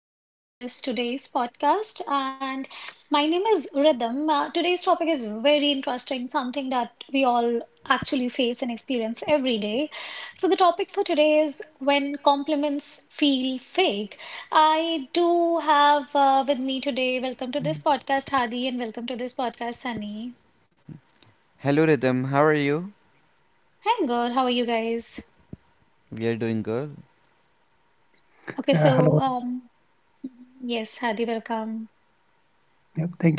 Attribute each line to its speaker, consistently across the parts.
Speaker 1: Welcome to this today's podcast. And My name is Rhythm. Today's topic is very interesting, something that we all actually face and experience every day. So, the topic for today is when compliments feel fake. I do have with me today, welcome to this podcast, Hadi, and welcome to this podcast, Sunny.
Speaker 2: Hello Rhythm, how are you?
Speaker 1: I'm good. How are you guys?
Speaker 2: We are doing good.
Speaker 1: Okay, so,
Speaker 3: Yeah, hello.
Speaker 1: um, yes, Hadi, welcome.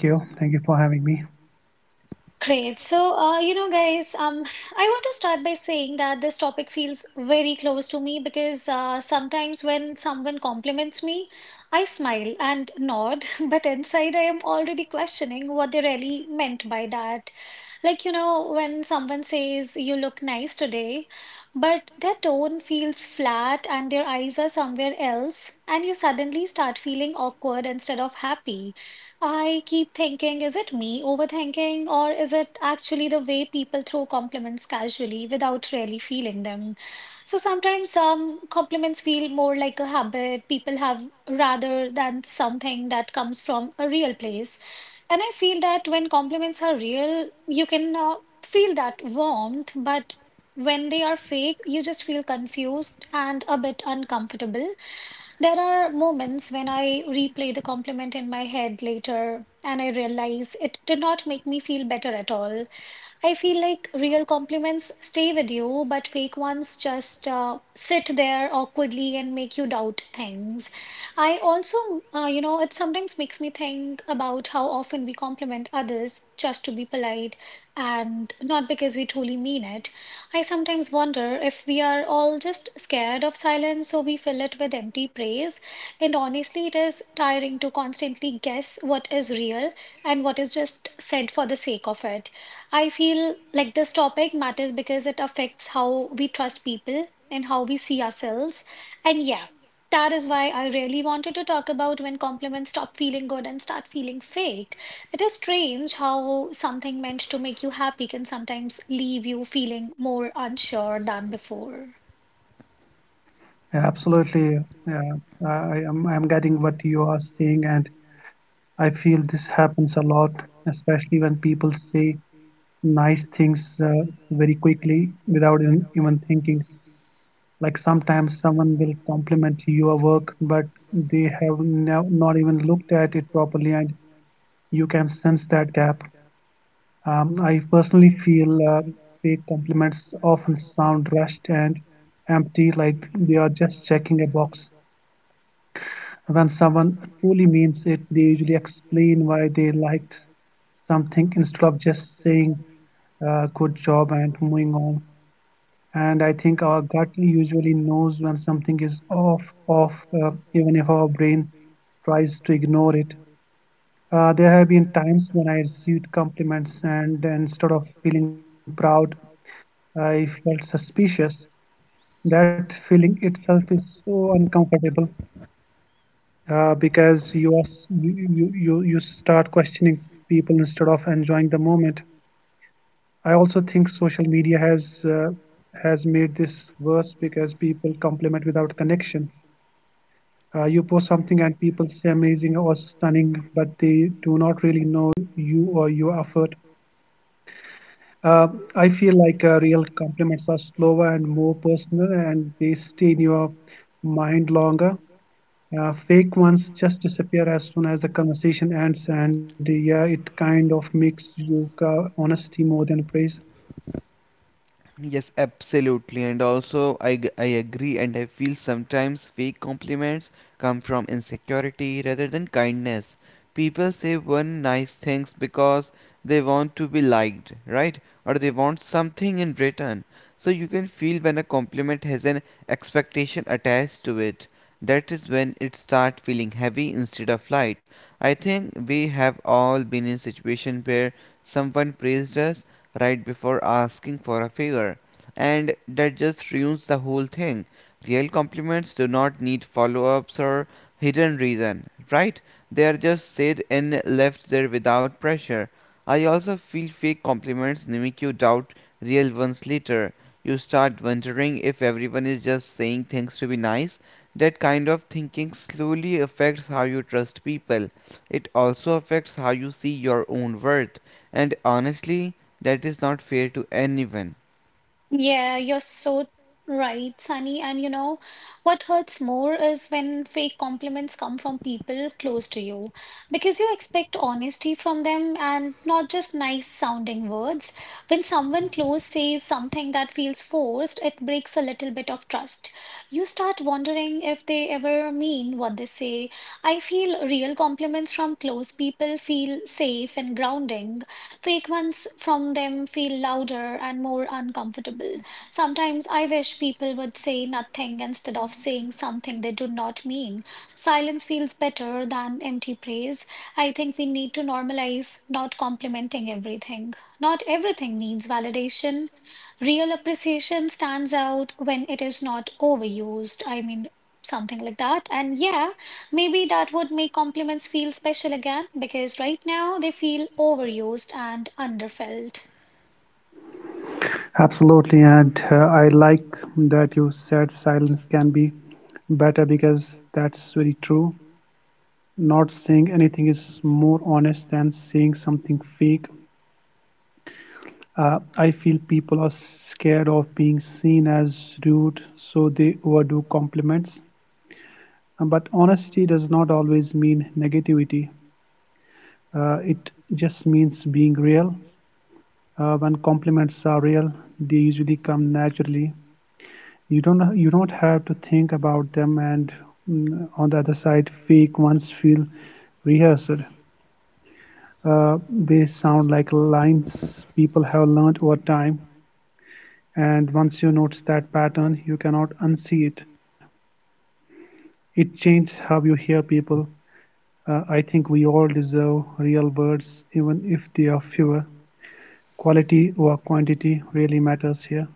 Speaker 3: Yep, thank you. Thank you for having me.
Speaker 1: Great. So, I want to start by saying that this topic feels very close to me because sometimes when someone compliments me, I smile and nod, but inside I am already questioning what they really meant by that. Like, you know, when someone says, "You look nice today," but their tone feels flat and their eyes are somewhere else, and you suddenly start feeling awkward instead of happy. I keep thinking, is it me overthinking, or is it actually the way people throw compliments casually without really feeling them? So sometimes some compliments feel more like a habit people have rather than something that comes from a real place. And I feel that when compliments are real, you can feel that warmth, but when they are fake, you just feel confused and a bit uncomfortable. There are moments when I replay the compliment in my head later and I realize it did not make me feel better at all. I feel like real compliments stay with you, but fake ones just sit there awkwardly and make you doubt things. I also, you know, It sometimes makes me think about how often we compliment others just to be polite and not because we truly mean it. I sometimes wonder if we are all just scared of silence, so we fill it with empty praise. And honestly, it is tiring to constantly guess what is real and what is just said for the sake of it. I feel like this topic matters because it affects how we trust people and how we see ourselves. And yeah, that is why I really wanted to talk about when compliments stop feeling good and start feeling fake. It is strange how something meant to make you happy can sometimes leave you feeling more unsure than before.
Speaker 3: Yeah, absolutely. Yeah, I am. I'm getting what you are saying, and I feel this happens a lot, especially when people say nice things uh, very quickly without even thinking. Like sometimes someone will compliment your work, but they have no, not even looked at it properly, and you can sense that gap. I personally feel fake compliments often sound rushed and empty, like they are just checking a box. When someone truly means it, they usually explain why they liked something instead of just saying good job and moving on. And I think our gut usually knows when something is off, even if our brain tries to ignore it. There have been times when I received compliments, and instead of feeling proud, I felt suspicious. That feeling itself is so uncomfortable because you start questioning people instead of enjoying the moment. I also think social media has made this worse because people compliment without connection. You post something and people say amazing or stunning, but they do not really know you or your effort. Uh, I feel like real compliments are slower and more personal, and they stay in your mind longer. Fake ones just disappear as soon as the conversation ends, and yeah, it kind of makes you honesty more than praise.
Speaker 2: Yes, absolutely. And also, I agree, and I feel sometimes fake compliments come from insecurity rather than kindness. People say one nice things because they want to be liked, right? Or they want something in return. So you can feel when a compliment has an expectation attached to it. That is when it starts feeling heavy instead of light. I think we have all been in situation where someone praised us right before asking for a favor, and that just ruins the whole thing. Real compliments do not need follow ups or hidden reason, right? They are just said and left there without pressure. I also feel fake compliments make you doubt real ones later. You start wondering if everyone is just saying things to be nice. That kind of thinking slowly affects how you trust people. It also affects how you see your own worth. And honestly, that is not fair to anyone.
Speaker 1: Yeah, you're so right, Sunny. And you know, what hurts more is when fake compliments come from people close to you because you expect honesty from them and not just nice sounding words. When someone close says something that feels forced, it breaks a little bit of trust. You start wondering if they ever mean what they say. I feel real compliments from close people feel safe and grounding. Fake ones from them feel louder and more uncomfortable. Sometimes I wish people would say nothing instead of saying something they do not mean. Silence feels better than empty praise. I think we need to normalize not complimenting everything. Not everything needs validation. Real appreciation stands out when it is not overused. I mean, something like that. And yeah. Maybe that would make compliments feel special again because right now they feel overused and underfilled.
Speaker 3: Absolutely, and I like that you said silence can be better because that's very true. Not saying anything is more honest than saying something fake. I feel people are scared of being seen as rude, so they overdo compliments. But honesty does not always mean negativity. It just means being real. When compliments are real, they usually come naturally. You don't have to think about them, and on the other side, fake ones feel rehearsed. Uh, they sound like lines people have learned over time. And once you notice that pattern, you cannot unsee it. It changes how you hear people. I think we all deserve real words, even if they are fewer. Quality or quantity really matters here.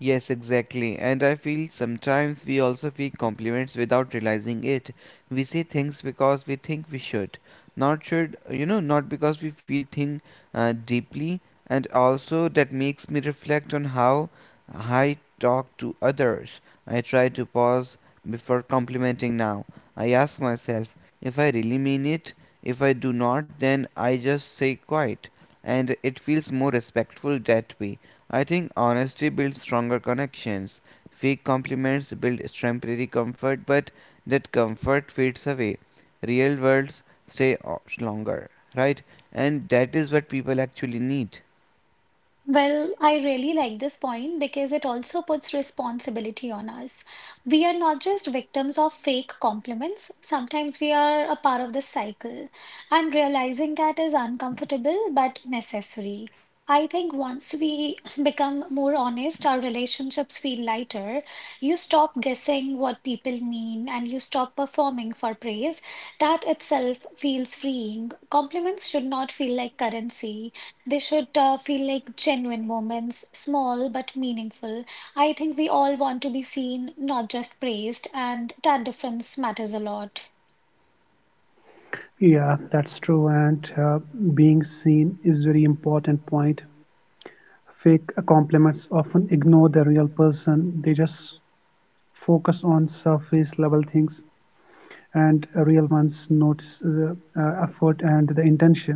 Speaker 2: Yes, exactly. And I feel sometimes we also feel compliments without realizing it. We say things because we think we should, not should, not because we feel thing deeply. And also that makes me reflect on how I talk to others. I try to pause before complimenting now. I ask myself if I really mean it. If I do not, then I just say quiet. And it feels more respectful that way. I think honesty builds stronger connections. Fake compliments build temporary comfort, but that comfort fades away. Real words stay longer, right? And that is what people actually need.
Speaker 1: Well, I really like this point because it also puts responsibility on us. We are not just victims of fake compliments. Sometimes we are a part of this cycle, and realizing that is uncomfortable but necessary. I think once we become more honest, our relationships feel lighter. You stop guessing what people mean and you stop performing for praise. That itself feels freeing. Compliments should not feel like currency, they should feel like genuine moments, small but meaningful. I think we all want to be seen, not just praised, and that difference matters a lot.
Speaker 3: Yeah, that's true. And being seen is very important point. Fake compliments often ignore the real person. They just focus on surface level things, and real ones notice the effort and the intention.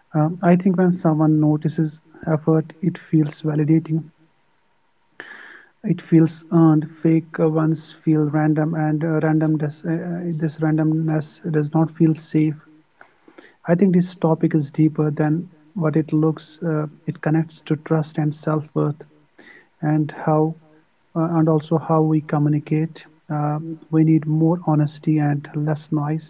Speaker 3: I think when someone notices effort, it feels validating. It feels earned. Fake ones feel random, and this randomness does not feel safe. I think this topic is deeper than what it looks. It connects to trust and self-worth, and how, and also how we communicate. We need more honesty and less noise.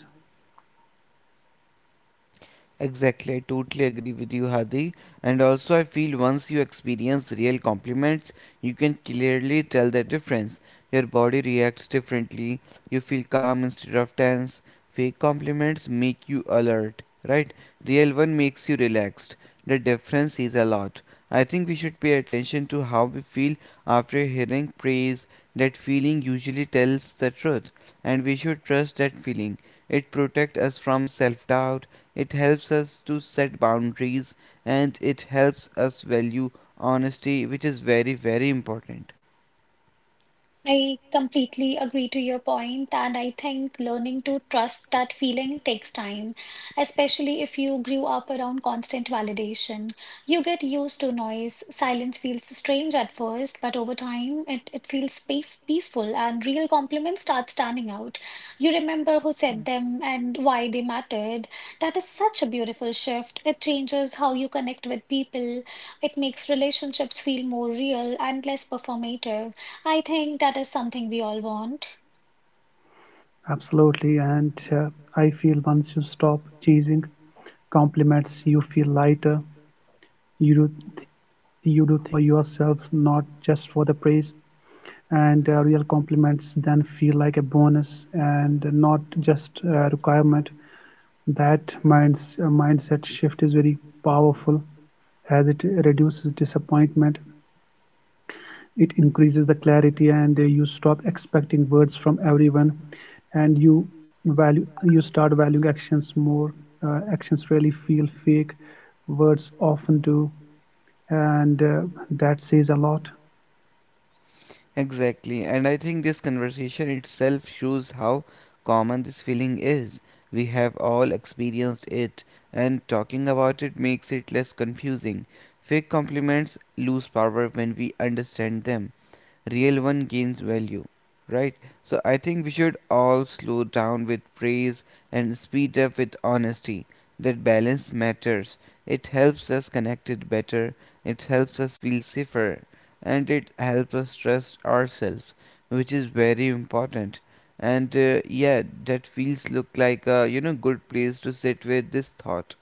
Speaker 2: Exactly, I totally agree with you, Hadi. And also, I feel once you experience real compliments, you can clearly tell the difference. Your body reacts differently, you feel calm instead of tense. Fake compliments make you alert, right? Real one makes you relaxed. The difference is a lot. I think we should pay attention to how we feel after hearing praise. That feeling usually tells the truth, and we should trust that feeling. It protects us from self doubt, it helps us to set boundaries, and it helps us value honesty, which is very, very important.
Speaker 1: I completely agree to your point, and I think learning to trust that feeling takes time, especially if you grew up around constant validation. You get used to noise. Silence feels strange at first, but over time, it feels space peaceful, and real compliments start standing out. You remember who said them and why they mattered. That is such a beautiful shift. It changes how you connect with people. It makes relationships feel more real and less performative. I think that is something we all want.
Speaker 3: Absolutely, and I feel once you stop chasing compliments, you feel lighter. you do you do things for yourself, not just for the praise, and real compliments then feel like a bonus and not just a requirement. That mindset shift is very powerful, as it reduces disappointment, it increases the clarity, and you stop expecting words from everyone, and you start valuing actions more. Actions really feel fake, words often do, and that says a lot.
Speaker 2: Exactly. And I think this conversation itself shows how common this feeling is. We have all experienced it, and talking about it makes it less confusing. Fake compliments lose power when we understand them. Real one gains value, right? So I think we should all slow down with praise and speed up with honesty. That balance matters. It helps us connected better, it helps us feel safer, and it helps us trust ourselves, which is very important. And yeah, that feels look like a, good place to sit with this thought.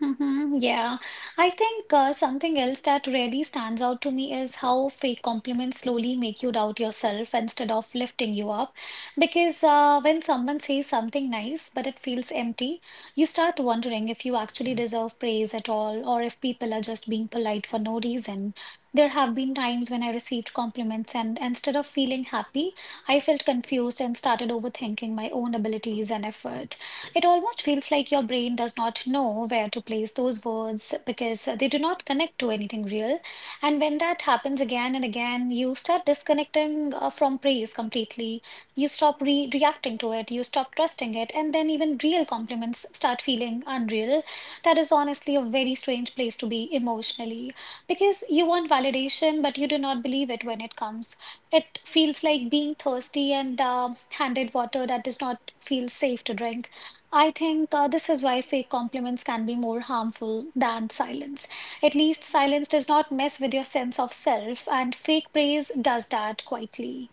Speaker 1: Hmm, yeah. I think something else that really stands out to me is how fake compliments slowly make you doubt yourself instead of lifting you up. Because when someone says something nice but it feels empty, you start wondering if you actually deserve praise at all or if people are just being polite for no reason. There have been times when I received compliments and instead of feeling happy, I felt confused and started overthinking my own abilities and effort. It almost feels like your brain does not know where to place those words because they do not connect to anything real. And when that happens again and again, you start disconnecting from praise completely. You stop re reacting to it, you stop trusting it, and then even real compliments start feeling unreal. That is honestly a very strange place to be emotionally because you want validation, but you do not believe it when it comes. It feels like being thirsty and handed water that does not feel safe to drink. I think this is why fake compliments can be more harmful than silence. At least silence does not mess with your sense of self, and fake praise does that quietly.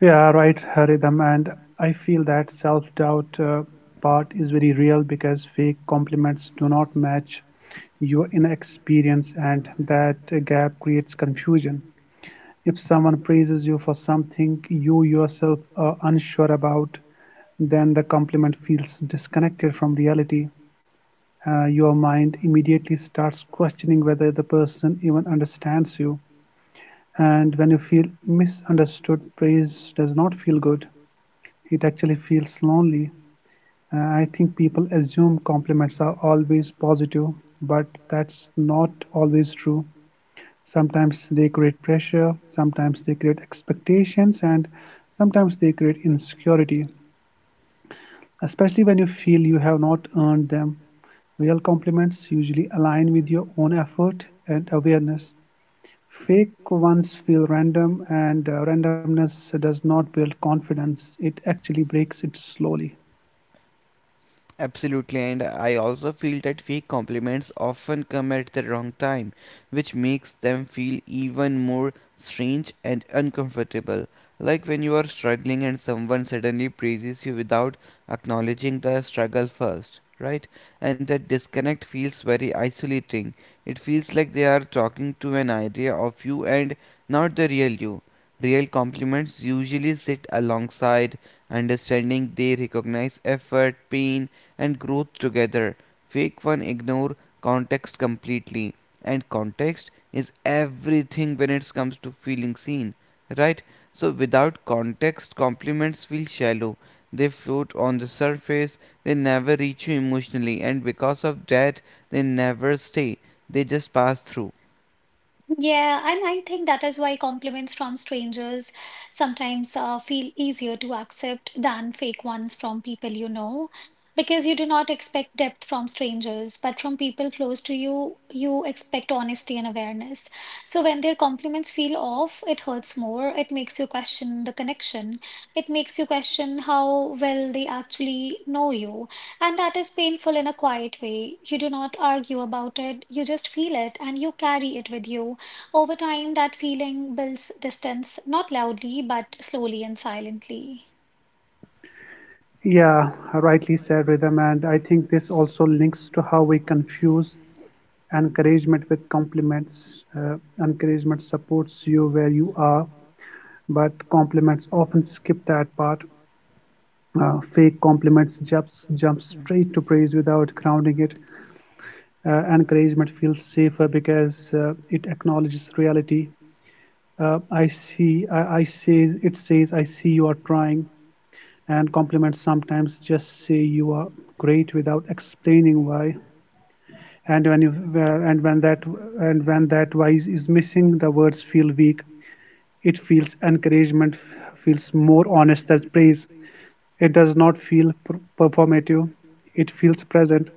Speaker 3: Yeah, right, Haridham. And I feel that self-doubt part is very real because fake compliments do not match your inexperience, and that gap creates confusion. If someone praises you for something you yourself are unsure about, then the compliment feels disconnected from reality. Your mind immediately starts questioning whether the person even understands you. And when you feel misunderstood, praise does not feel good. It actually feels lonely. I think people assume compliments are always positive, but that's not always true. Sometimes they create pressure, sometimes they create expectations, and sometimes they create insecurity, especially when you feel you have not earned them. Real compliments usually align with your own effort and awareness. Fake ones feel random, and randomness does not build confidence. It actually breaks it slowly.
Speaker 2: Absolutely, and I also feel that fake compliments often come at the wrong time, which makes them feel even more strange and uncomfortable. Like when you are struggling and someone suddenly praises you without acknowledging the struggle first, right? And that disconnect feels very isolating. It feels like they are talking to an idea of you and not the real you. Real compliments usually sit alongside understanding, they recognize effort, pain, and growth together. Fake one ignore context completely, and context is everything when it comes to feeling seen, right? So without context, compliments feel shallow. They float on the surface, they never reach you emotionally, and because of that, they never stay. They just pass through.
Speaker 1: Yeah, and I think that is why compliments from strangers sometimes feel easier to accept than fake ones from people you know. Because you do not expect depth from strangers, but from people close to you, you expect honesty and awareness. So when their compliments feel off, it hurts more. It makes you question the connection. It makes you question how well they actually know you. And that is painful in a quiet way. You do not argue about it, you just feel it and you carry it with you. Over time, that feeling builds distance, not loudly, but slowly and silently.
Speaker 3: Yeah, rightly said, Rhythm. And I think this also links to how we confuse encouragement with compliments. Encouragement supports you where you are, but compliments often skip that part. Fake compliments jump straight to praise without grounding it. Encouragement feels safer because it acknowledges reality. I see. I says it says, I see you are trying, and compliments sometimes just say you are great without explaining why. And when you well, and when that why is missing, the words feel weak. It feels encouragement feels more honest than praise. It does not feel performative. It feels present.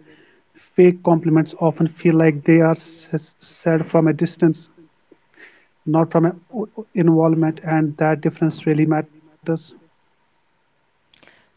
Speaker 3: Fake compliments often feel like they are said from a distance, not from an involvement, and that difference really matters.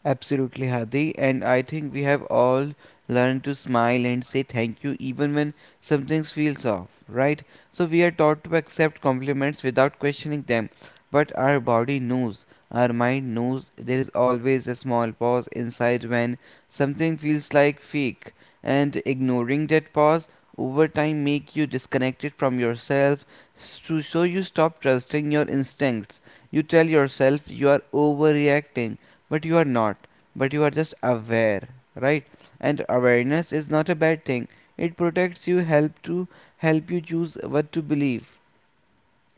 Speaker 2: Absolutely, Hadi. And I think we have all learned to smile and say thank you even when something feels off, right? So we are taught to accept compliments without questioning them. But our body knows, our mind knows there is always a small pause inside when something feels like fake. And ignoring that pause over time make you disconnected from yourself, so you stop trusting your instincts. You tell yourself you are overreacting but you are not. But you are just aware, right? And awareness is not a bad thing. It protects you, help you choose what to believe.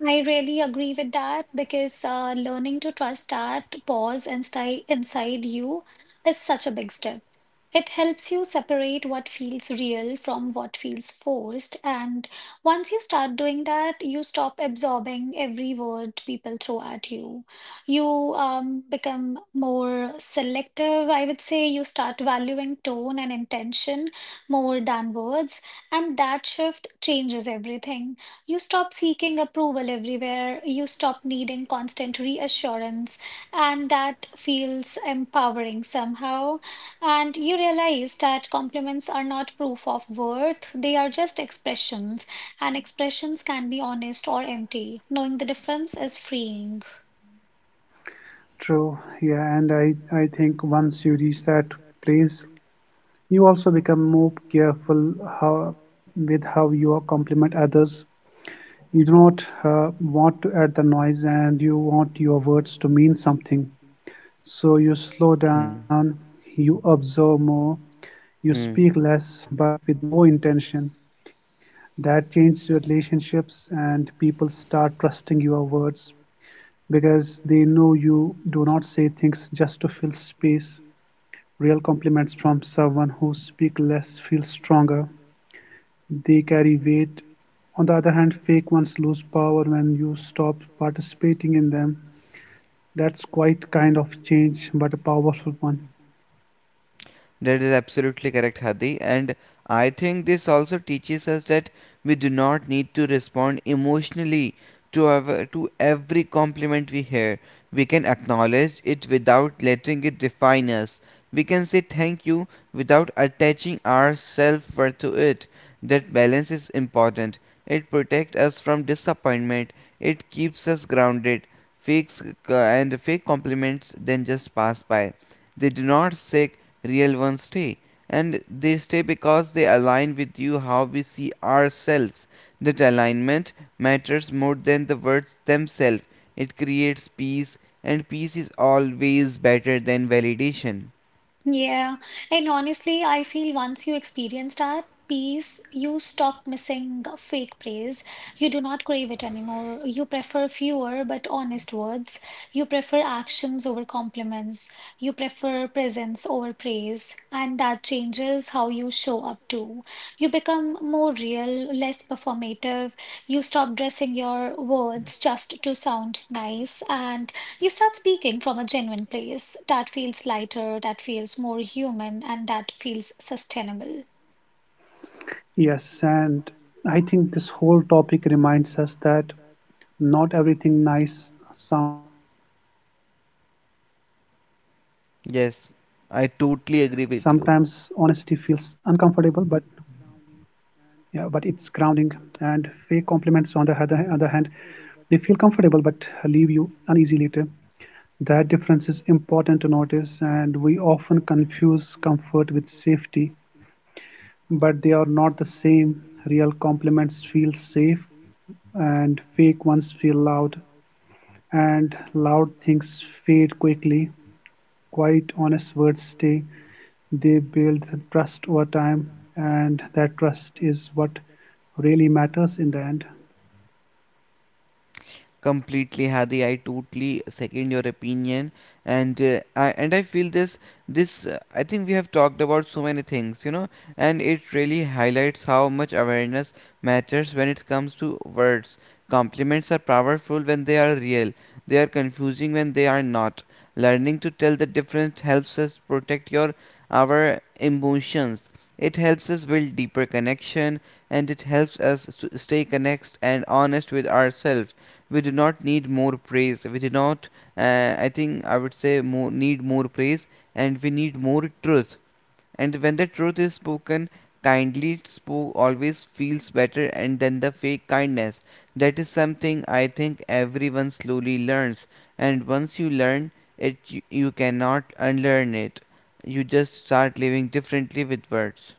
Speaker 1: I really agree with that because learning to trust that pause inside you is such a big step. It helps you separate what feels real from what feels forced. And once you start doing that, you stop absorbing every word people throw at you. You become more selective, I would say. You start valuing tone and intention more than words. And that shift changes everything. You stop seeking approval everywhere. You stop needing constant reassurance. And that feels empowering somehow. And you realize that compliments are not proof of worth, they are just expressions. And expressions can be honest or empty. Knowing the difference is freeing.
Speaker 3: True, yeah, and I think once you reach that place, you also become more careful with how you compliment others. You do not want to add the noise, and you want your words to mean something. So you slow
Speaker 2: Hmm.
Speaker 3: down, you observe more, you
Speaker 2: Hmm.
Speaker 3: speak less but with more intention. That changes your relationships, and people start trusting your words because they know you do not say things just to fill space. Real compliments from someone who speaks less feel stronger; they carry weight. On the other hand, fake ones lose power when you stop participating in them. That's quite kind of change, but a powerful one.
Speaker 2: That is absolutely correct, Hadi. And I think this also teaches us that we do not need to respond emotionally to every compliment we hear. We can acknowledge it without letting it define us. We can say thank you without attaching our self worth to it. That balance is important. It protects us from disappointment, it keeps us grounded. Fakes fake compliments then just pass by, they do not seek real ones stay, and they stay because they align with you how we see ourselves. That alignment matters more than the words themselves. It creates peace, and peace is always better than validation.
Speaker 1: Yeah, and honestly, I feel once you experience that peace, you stop missing fake praise. You do not crave it anymore. You prefer fewer but honest words. You prefer actions over compliments. You prefer presence over praise. And that changes how you show up too. You become more real, less performative. You stop dressing your words just to sound nice and you start speaking from a genuine place that feels lighter, that feels more human, and that feels sustainable.
Speaker 3: Yes, and I think this whole topic reminds us that not everything nice sound sounding is healthy. Sometimes
Speaker 2: Yes,
Speaker 3: honesty
Speaker 2: I
Speaker 3: feels
Speaker 2: totally agree
Speaker 3: uncomfortable,
Speaker 2: with
Speaker 3: but
Speaker 2: you.
Speaker 3: yeah, but it's grounding. And fake compliments, on the other hand, they feel comfortable but leave you uneasy later. That difference is important to notice, and we often confuse comfort with safety, but they are not the same. Real compliments feel safe, and fake ones feel loud, and loud things fade quickly. Quite honest words stay, they build trust over time, and that trust is what really matters in the end.
Speaker 2: Completely, Hadi. I totally second your opinion, and I feel this this I think we have talked about so many things, you know, and it really highlights how much awareness matters when it comes to words. Compliments are powerful when they are real. They are confusing when they are not. Learning to tell the difference helps us protect your our emotions. It helps us build deeper connection, and it helps us to stay connected and honest with ourselves. We do not need more praise we do not I think I would say more need more praise, and we need more truth. And when the truth is spoken kindly spoke always feels better and than the fake kindness. That is something I think everyone slowly learns, and once you learn it, you cannot unlearn it. You just start living differently with words.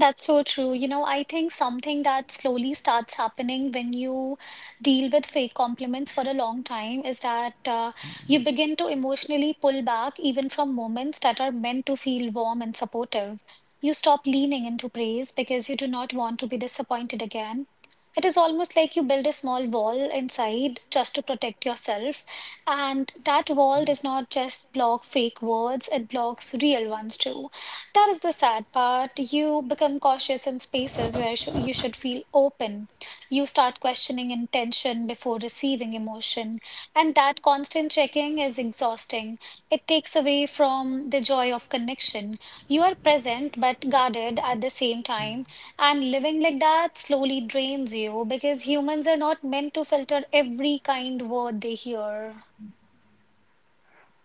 Speaker 1: That's so true. You know, I think something that slowly starts happening when you deal with fake compliments for a long time is that you begin to emotionally pull back even from moments that are meant to feel warm and supportive. You stop leaning into praise because you do not want to be disappointed again. It is almost like you build a small wall inside just to protect yourself. And that wall does not just block fake words, it blocks real ones too. That is the sad part. You become cautious in spaces where you should feel open. You start questioning intention before receiving emotion. And that constant checking is exhausting. It takes away from the joy of connection. You are present but guarded at the same time. And living like that slowly drains you because humans are not meant to filter every kind word they hear.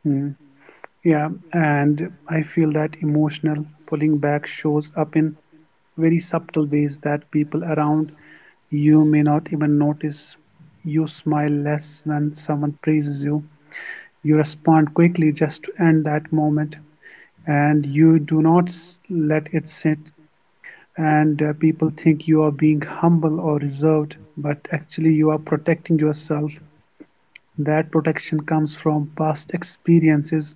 Speaker 3: Hmm. Yeah, and I feel that emotional pulling back shows up in very subtle ways that people around you may not even notice. You smile less when someone praises you. You respond quickly just to end that moment, and you do not let it sit, and people think you are being humble or reserved, but actually you are protecting yourself. That protection comes from past experiences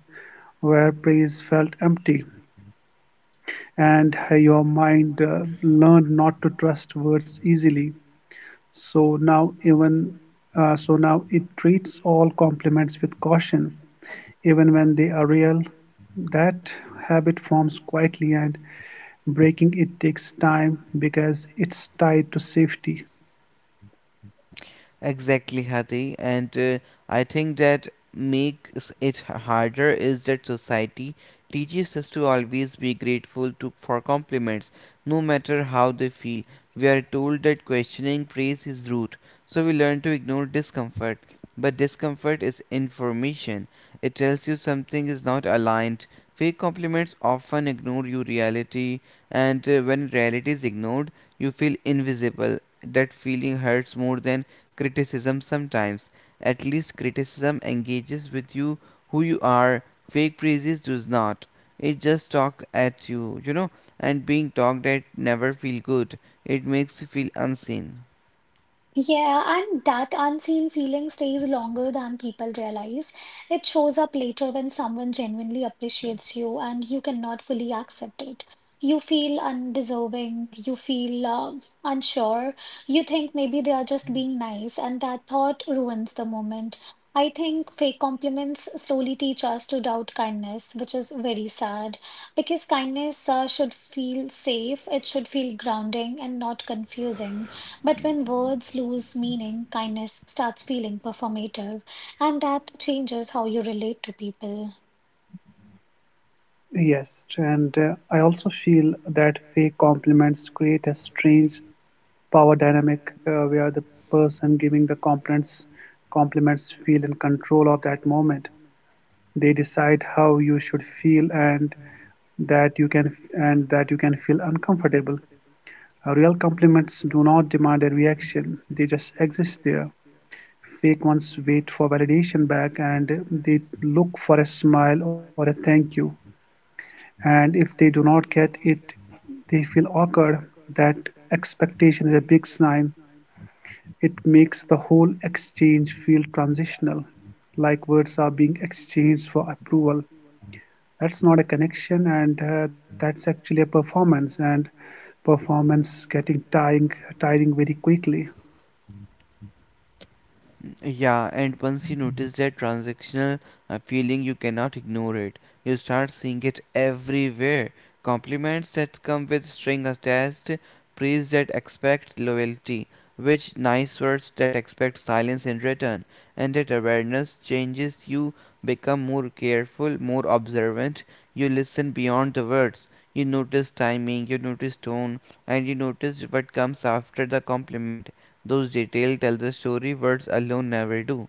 Speaker 3: where praise felt empty, and your mind learned not to trust words easily. So now, even now it treats all compliments with caution, even when they are real. That habit forms quietly, and breaking it takes time because it's tied to safety.
Speaker 2: Exactly, Hadi. And I think that makes it harder is that society teaches us to always be grateful to for compliments, no matter how they feel. We are told that questioning praise is rude, so we learn to ignore discomfort. But discomfort is information. It tells you something is not aligned. Fake compliments often ignore your reality, and when reality is ignored, you feel invisible. That feeling hurts more than criticism sometimes. At least criticism engages with you who you are. Fake praises does not. It just talk at you, you know, and being talked at never feel good. It makes you feel unseen.
Speaker 1: Yeah, and that unseen feeling stays longer than people realize. It shows up later when someone genuinely appreciates you and you cannot fully accept it. You feel undeserving, you feel unsure, you think maybe they are just being nice, and that thought ruins the moment. I think fake compliments slowly teach us to doubt kindness, which is very sad because kindness should feel safe, it should feel grounding and not confusing. But when words lose meaning, kindness starts feeling performative, and that changes how you relate to people.
Speaker 3: Yes, and I also feel that fake compliments create a strange power dynamic where the person giving the compliments feel in control of that moment. They decide how you should feel, and that you can feel uncomfortable. Real compliments do not demand a reaction; they just exist there. Fake ones wait for validation back, and they look for a smile or a thank you. And if they do not get it, they feel awkward. That expectation is a big sign. It makes the whole exchange feel transitional, like words are being exchanged for approval. That's not a connection, and that's actually a performance. And performance getting tiring very quickly.
Speaker 2: Yeah, and once you notice that transactional feeling, you cannot ignore it. You start seeing it everywhere. Compliments that come with string attached, praise that expect loyalty, which nice words that expect silence in return. And that awareness changes you, become more careful, more observant. You listen beyond the words. You notice timing, you notice tone, and you notice what comes after the compliment. Those details tell the story, words alone never do.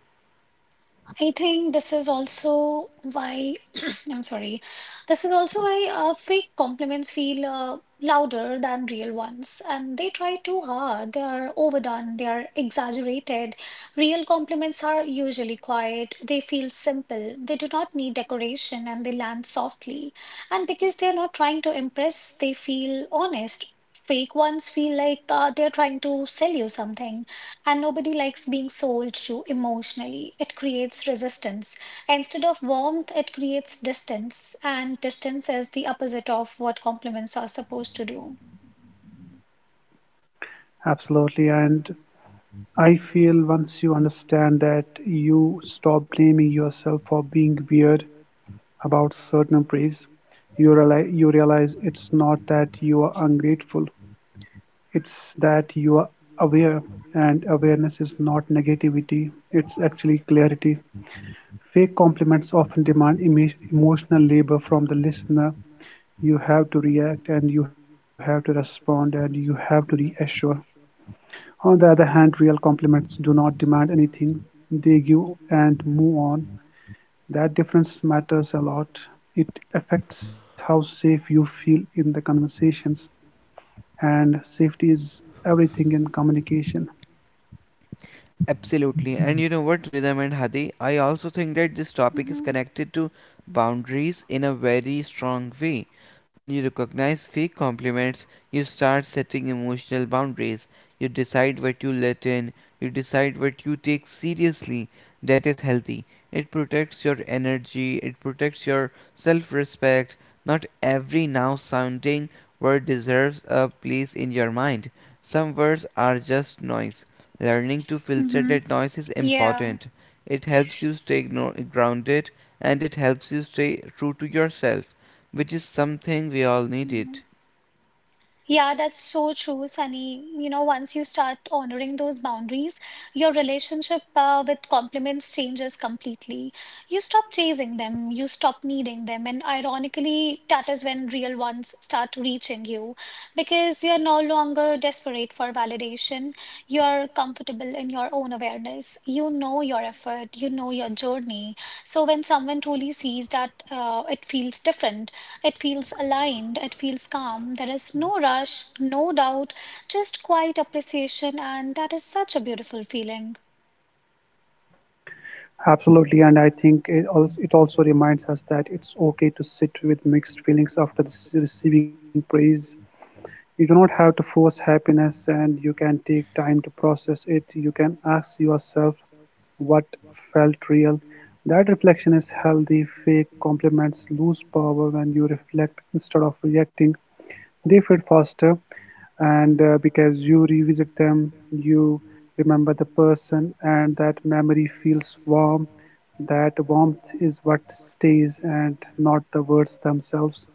Speaker 1: I think this is also why I'm sorry. This is also why fake compliments feel louder than real ones, and they try too hard. They are overdone. They are exaggerated. Real compliments are usually quiet. They feel simple. They do not need decoration, and they land softly. And because they are not trying to impress, they feel honest. Fake ones feel like they're trying to sell you something. And nobody likes being sold to emotionally. It creates resistance. Instead of warmth, it creates distance. And distance is the opposite of what compliments are supposed to do.
Speaker 3: Absolutely. And I feel once you understand that, you stop blaming yourself for being weird about certain praise. You realize it's not that you are ungrateful, it's that you are aware, and awareness is not negativity, it's actually clarity. Fake compliments often demand emotional labor from the listener. You have to react, and you have to respond, and you have to reassure. On the other hand, real compliments do not demand anything, they give and move on. That difference matters a lot. It affects how safe you feel in the conversations, and safety is everything in communication.
Speaker 2: Absolutely. And you know what, Rhythm and Hadi, I also think that this topic is
Speaker 1: Mm-hmm.
Speaker 2: connected to boundaries in a very strong way. When you recognize fake compliments, you start setting emotional boundaries. You decide what you let in, you decide what you take seriously. That is healthy. It protects your energy, it protects your self respect. Not every now sounding word deserves a place in your mind. Some words are just noise. Learning to filter
Speaker 1: Mm-hmm.
Speaker 2: that noise is
Speaker 1: Yeah.
Speaker 2: important. It helps you stay grounded, and it helps you stay true to yourself, which is something we all needed.
Speaker 1: Hmm. Yeah, that's so true, Sunny. You know, once you start honoring those boundaries, your relationship with compliments changes completely. You stop chasing them, you stop needing them, and ironically, that is when real ones start reaching you because you're no longer desperate for validation. You're comfortable in your own awareness. You know your effort, you know your journey. So when someone truly sees that, it feels different, it feels aligned, it feels calm. There is no rush, no doubt, just quiet appreciation, and that is such a beautiful feeling.
Speaker 3: Absolutely, and I think it also reminds us that it's okay to sit with mixed feelings after receiving praise. You do not have to force happiness, and you can take time to process it. You can ask yourself what felt real. That reflection is healthy. Fake compliments lose power when you reflect instead of reacting. They fade faster, and because you revisit them, you remember the person, and that memory feels warm. That warmth is what stays, and not the words themselves.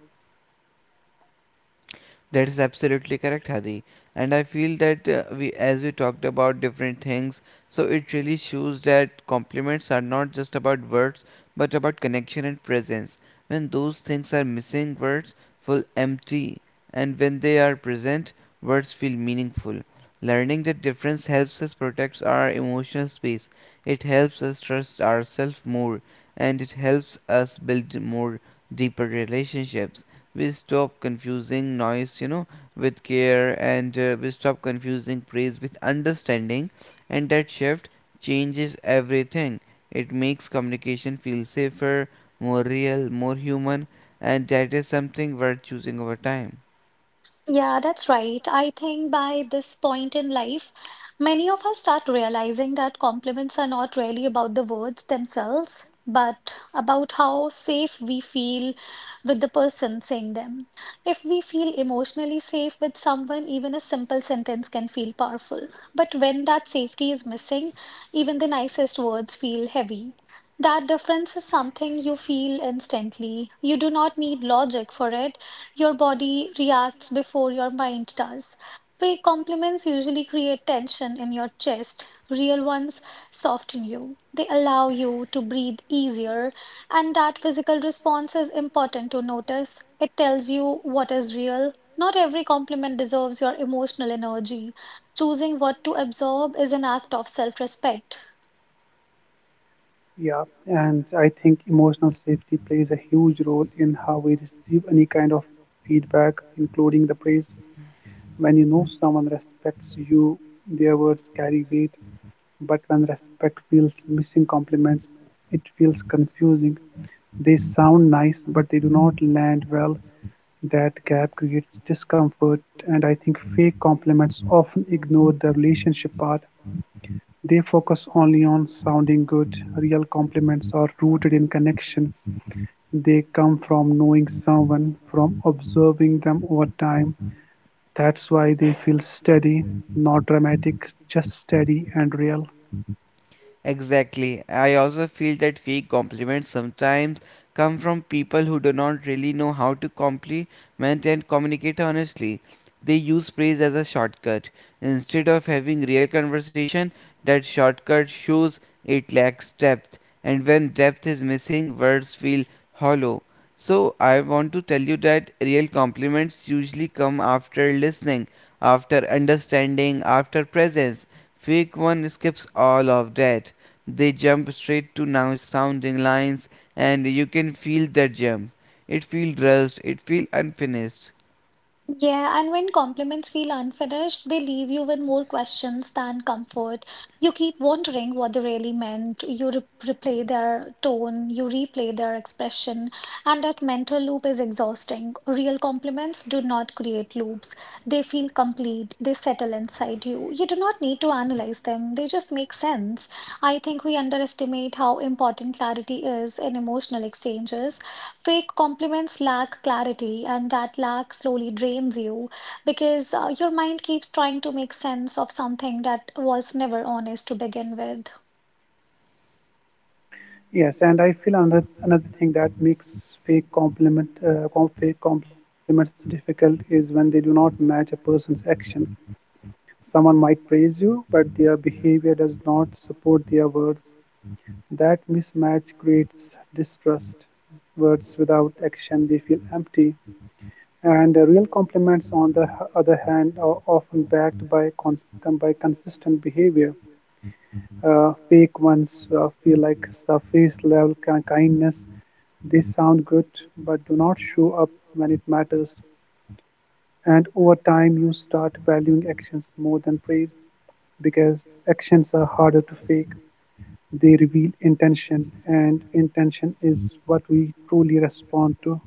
Speaker 2: That is absolutely correct, Hadi. And I feel that we, as we talked about different things, so it really shows that compliments are not just about words, but about connection and presence. When those things are missing, words feel empty, and when they are present, words feel meaningful. Learning the difference helps us protect our emotional space. It helps us trust ourselves more, and it helps us build more deeper relationships. We stop confusing noise, you know, with care, and we stop confusing praise with understanding. And that shift changes everything. It makes communication feel safer, more real, more human. And that is something worth choosing over time.
Speaker 1: Yeah, that's right. I think by this point in life, many of us start realizing that compliments are not really about the words themselves, but about how safe we feel with the person saying them. If we feel emotionally safe with someone, even a simple sentence can feel powerful. But when that safety is missing, even the nicest words feel heavy. That difference is something you feel instantly. You do not need logic for it. Your body reacts before your mind does. Fake compliments usually create tension in your chest. Real ones soften you. They allow you to breathe easier. And that physical response is important to notice. It tells you what is real. Not every compliment deserves your emotional energy. Choosing what to absorb is an act of self respect.
Speaker 3: Yeah, and I think emotional safety plays a huge role in how we receive any kind of feedback, including the praise. When you know someone respects you, their words carry weight. But when respect feels missing compliments, it feels confusing. They sound nice, but they do not land well. That gap creates discomfort, and I think fake compliments often ignore the relationship part. They focus only on sounding good. Real compliments are rooted in connection. They come from knowing someone, from observing them over time. That's why they feel steady, not dramatic, just steady and real.
Speaker 2: Exactly. I also feel that fake compliments sometimes come from people who do not really know how to compliment and communicate honestly. They use praise as a shortcut. Instead of having real conversation, that shortcut shows it lacks depth. And when depth is missing, words feel hollow. So I want to tell you that real compliments usually come after listening, after understanding, after presence. Fake one skips all of that. They jump straight to now sounding lines, and you can feel their jump. It feels rushed, it feels unfinished.
Speaker 1: Yeah, and when compliments feel unfinished, they leave you with more questions than comfort. You keep wondering what they really meant. You re replay their tone, you replay their expression, and that mental loop is exhausting. Real compliments do not create loops. They feel complete, they settle inside you. You do not need to analyze them, they just make sense. I think we underestimate how important clarity is in emotional exchanges. Fake compliments lack clarity, and that lack slowly drains you because your mind keeps trying to make sense of something that was never honest to begin with.
Speaker 3: Yes, and I feel another thing that makes fake compliments difficult is when they do not match a person's action. Someone might praise you, but their behavior does not support their words. That mismatch creates distrust. Words without action, they feel empty. And real compliments, on the other hand, are often by consistent behavior. Fake ones feel like surface level kindness. They sound good, but do not show up when it matters. And over time, you start valuing actions more than praise because actions are harder to fake. They reveal intention, and intention is what we truly respond to.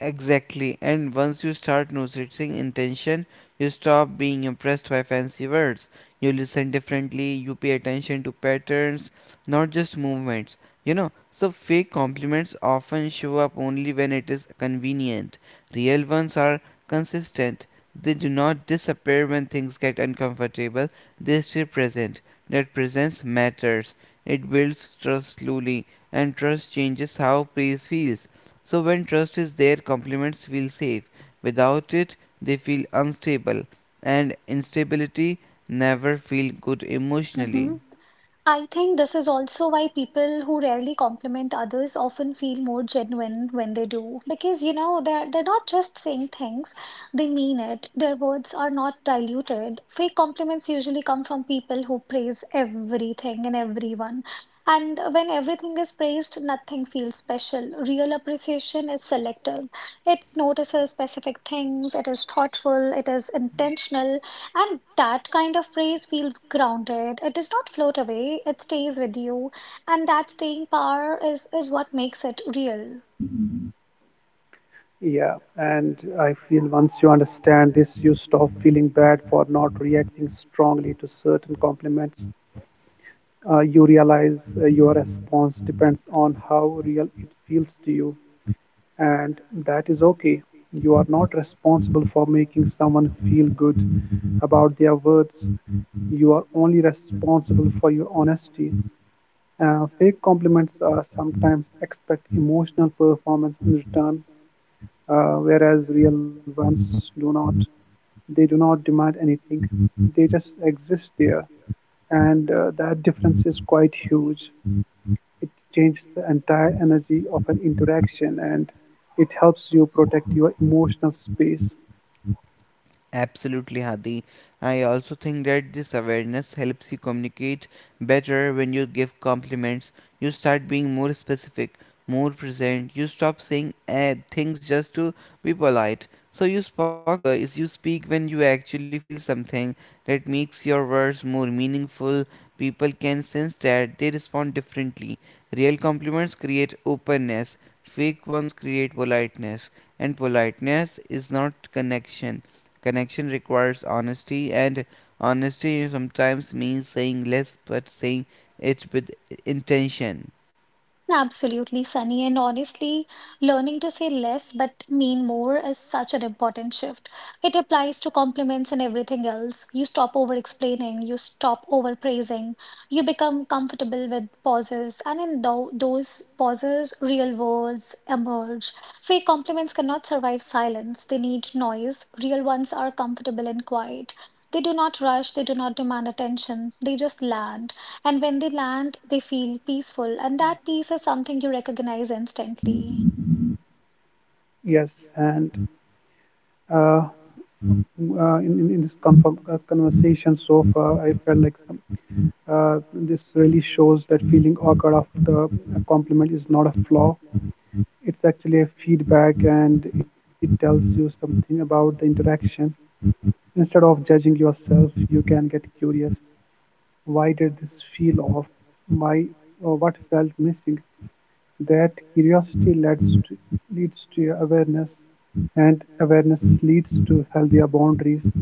Speaker 2: Exactly. And once you start noticing intention, you stop being impressed by fancy words. You listen differently, you pay attention to patterns, not just movements. You know, so fake compliments often show up only when it is convenient. Real ones are consistent. They do not disappear when things get uncomfortable, they stay present. That presence matters. It builds trust slowly, and trust changes how praise feels. So when trust is there, compliments feel safe. Without it, they feel unstable, and instability never feel good emotionally.
Speaker 1: Mhm. I think this is also why people who rarely compliment others often feel more genuine when they do. Because, you know, they're not just saying things, they mean it. Their words are not diluted. Fake compliments usually come from people who praise everything and everyone. And when everything is praised, nothing feels special. Real appreciation is selective. It notices specific things, it is thoughtful, it is intentional, and that kind of praise feels grounded. It does not float away, it stays with you. And that staying power is what makes it real.
Speaker 3: Yeah, and I feel once you understand this, you stop feeling bad for not reacting strongly to certain compliments. You realize your response depends on how real it feels to you, and that is okay. You are not responsible for making someone feel good about their words. You are only responsible for your honesty. Fake compliments sometimes expect emotional performance in return, whereas real ones do not. They do not demand anything, they just exist there, and that difference is quite huge. It changes the entire energy of an interaction, and it helps you protect your emotional space.
Speaker 2: Absolutely, Hadi. I also think that this awareness helps you communicate better when you give compliments. You start being more specific, more present. You stop saying things just to be polite. So you spoke, is you speak when you actually feel something that makes your words more meaningful. People can sense that they respond differently. Real compliments create openness. Fake ones create politeness, and politeness is not connection. Connection requires honesty, and honesty sometimes means saying less but saying it with intention.
Speaker 1: Absolutely, Sunny. And honestly, learning to say less but mean more is such an important shift. It applies to compliments and everything else. You stop over explaining, you stop over praising, you become comfortable with pauses. And in those pauses, real words emerge. Fake compliments cannot survive silence, they need noise. Real ones are comfortable and quiet. They do not rush, they do not demand attention, they just land. And when they land, they feel peaceful, and that peace is something you recognize instantly.
Speaker 3: Yes, and uh, conversation so far, I felt like this really shows that feeling awkward after a compliment is not a flaw. It's actually a feedback, and it tells you something about the interaction. Instead of judging yourself, you can get curious. Why did this feel off? Why or what felt missing? That leads to awareness, and awareness leads to healthier boundaries.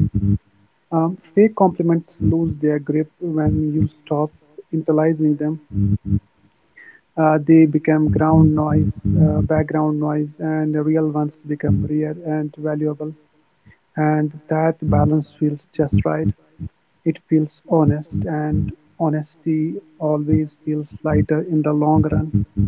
Speaker 3: Fake compliments lose their grip when you stop internalizing them. They become ground noise, background noise, and the real ones become rare and valuable. And that balance feels just right. It feels honest, and honesty always feels lighter in the long run.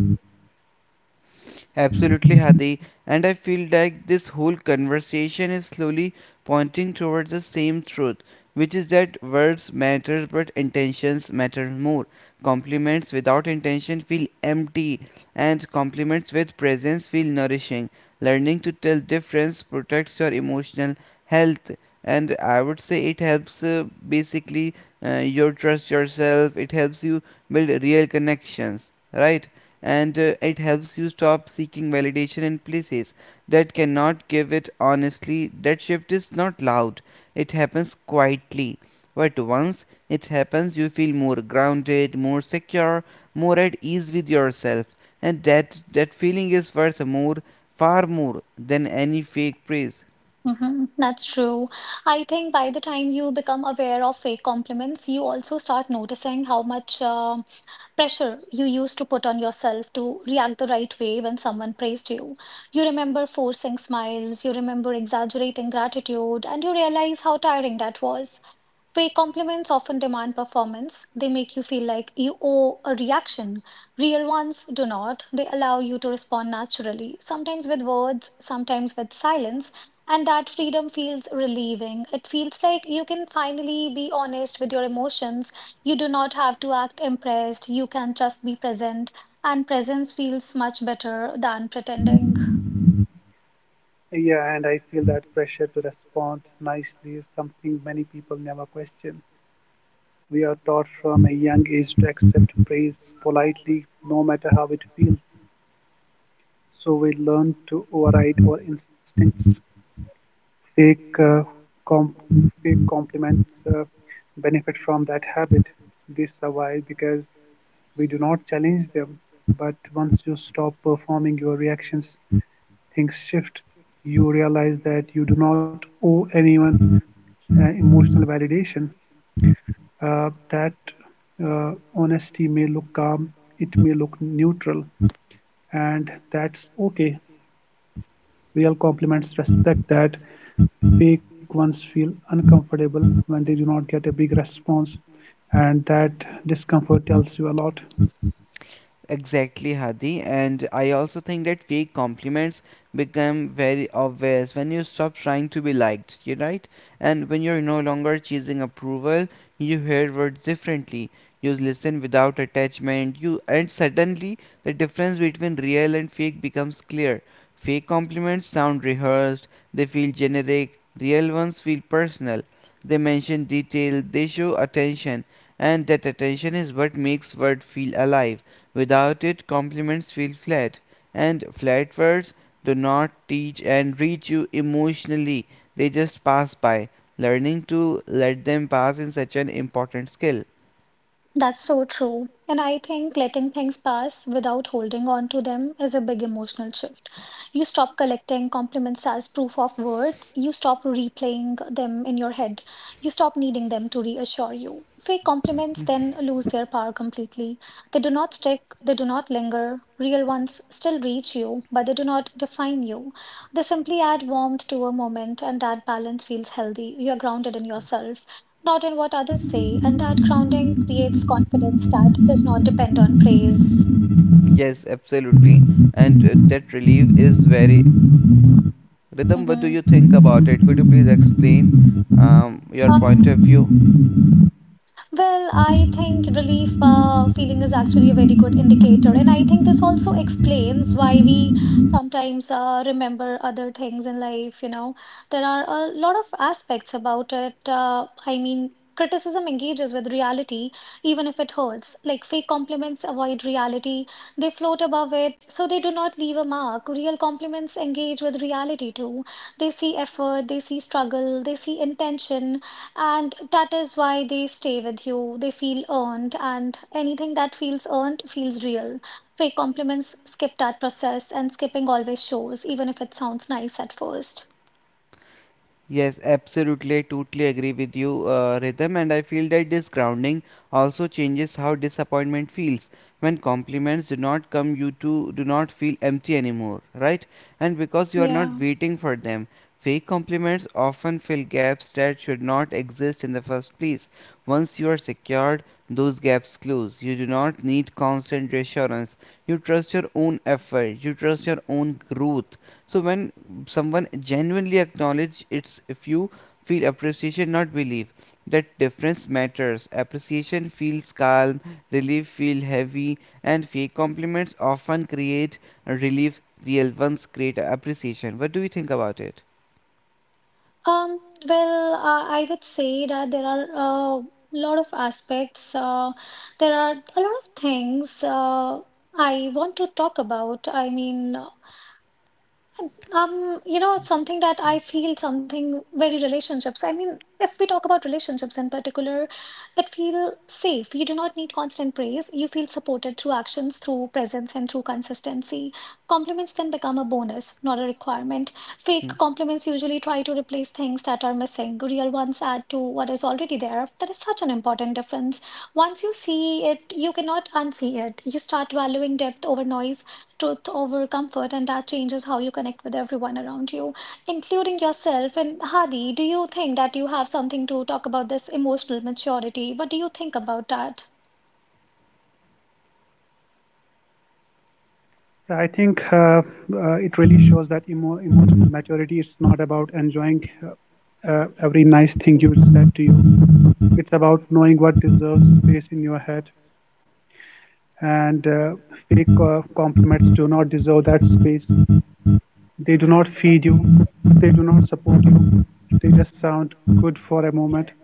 Speaker 2: Absolutely, Hadi. And I feel like this whole conversation is slowly pointing towards the same truth, which is that words matter but intentions matter more. Compliments without intention feel empty, and compliments with presence feel nourishing. Learning to tell difference protects your emotional health, and I would say it helps basically your trust yourself. It helps you build real connections, right? And it helps you stop seeking validation in places that cannot give it honestly. That shift is not loud, it happens quietly. But once it happens, you feel more grounded, more secure, more at ease with yourself, and that feeling is worth more, far more than any fake praise.
Speaker 1: Hmm. That's true. I think by the time you become aware of fake compliments, you also start noticing how much pressure you used to put on yourself to react the right way when someone praised you. You remember forcing smiles, you remember exaggerating gratitude, and you realize how tiring that was. Fake compliments often demand performance. They make you feel like you owe a reaction. Real ones do not. They allow you to respond naturally, sometimes with words, sometimes with silence. And that freedom feels relieving. It feels like you can finally be honest with your emotions. You do not have to act impressed. You can just be present. And presence feels much better than pretending.
Speaker 3: Yeah, and I feel that pressure to respond nicely is something many people never question. We are taught from a young age to accept praise politely, no matter how it feels. So we learn to override our instincts. Fake, uh, com- Fake compliments benefit from that habit. They survive because we do not challenge them. But once you stop performing your reactions, things shift. You realize that you do not owe anyone emotional validation. That Honesty may look calm, it may look neutral, and that's okay. Real compliments respect that. Fake ones feel uncomfortable when they do not get a big response, and that discomfort tells you a lot.
Speaker 2: Exactly, Hadi, and I also think that fake compliments become very obvious when you stop trying to be liked, you right? And when you're no longer chasing approval, you hear words differently. You listen without attachment. You and suddenly the difference between real and fake becomes clear. Fake compliments sound rehearsed, they feel generic. Real ones feel personal. They mention detail, they show attention, and that attention is what makes word feel alive. Without it compliments feel flat, and flat words do not teach and reach you emotionally. They just pass by. Learning to let them pass is such an important skill.
Speaker 1: That's so true. And I think letting things pass without holding on to them is a big emotional shift. You stop collecting compliments as proof of worth. You stop replaying them in your head. You stop needing them to reassure you. Fake compliments then lose their power completely. They do not stick, they do not linger. Real ones still reach you, but they do not define you. They simply add warmth to a moment, and that balance feels healthy. You're grounded in yourself, not in what others say. And that grounding creates confidence that does not depend on praise.
Speaker 2: Yes, absolutely. And that relief is very. Rhythm, what do
Speaker 1: Mm-hmm.
Speaker 2: you think about it? Could you please explain your point of
Speaker 1: Um,
Speaker 2: view?
Speaker 1: Well, I think relief feeling is actually a very good indicator. And I think this also explains why we sometimes remember other things in life. You know, there are a lot of aspects about it. I mean, criticism engages with reality, even if it hurts. Like fake compliments avoid reality, they float above it, so they do not leave a mark. Real compliments engage with reality too. They see effort, they see struggle, they see intention, and that is why they stay with you. They feel earned, and anything that feels earned feels real. Fake compliments skip that process, and skipping always shows, even if it sounds nice at first.
Speaker 2: Yes, absolutely. I totally agree with you, Rhythm, and I feel that this grounding also changes how disappointment feels. When compliments do not come, you too do not feel empty anymore, right? And because you are not
Speaker 1: Yeah.
Speaker 2: waiting for them, fake compliments often fill gaps that should not exist in the first place. Once you are secured, those gaps close. You do not need constant reassurance. You trust your own effort, you trust your own growth. So when someone genuinely acknowledge it's if you feel appreciation not believe that difference matters appreciation feels calm relief feel heavy and fake compliments often create relief real ones create appreciation what do you think about it.
Speaker 1: Um, well, I would say that there are a lot of aspects. There are a lot of things I want to talk about. I mean, you know, it's something that I feel something very relationships. I mean, if we talk about relationships in particular, it feel safe. You do not need constant praise. You feel supported through actions, through presence, and through consistency. Compliments then become a bonus, not a requirement. Fake
Speaker 2: Hmm.
Speaker 1: compliments usually try to replace things that are missing. Real ones add to what is already there. That is such an important difference. Once you see it, you cannot unsee it. You start valuing depth over noise, truth over comfort, and that changes how you connect with everyone around you, including yourself. And Hadi, do you think that you have something to talk about this emotional maturity? What do you think about that?
Speaker 3: Yeah, I think it really shows that emotional maturity is not about enjoying every nice thing you said to you. It's about knowing what deserves space in your head, and fake compliments do not deserve that space. They do not feed you, they do not support you, they just sound good for a moment.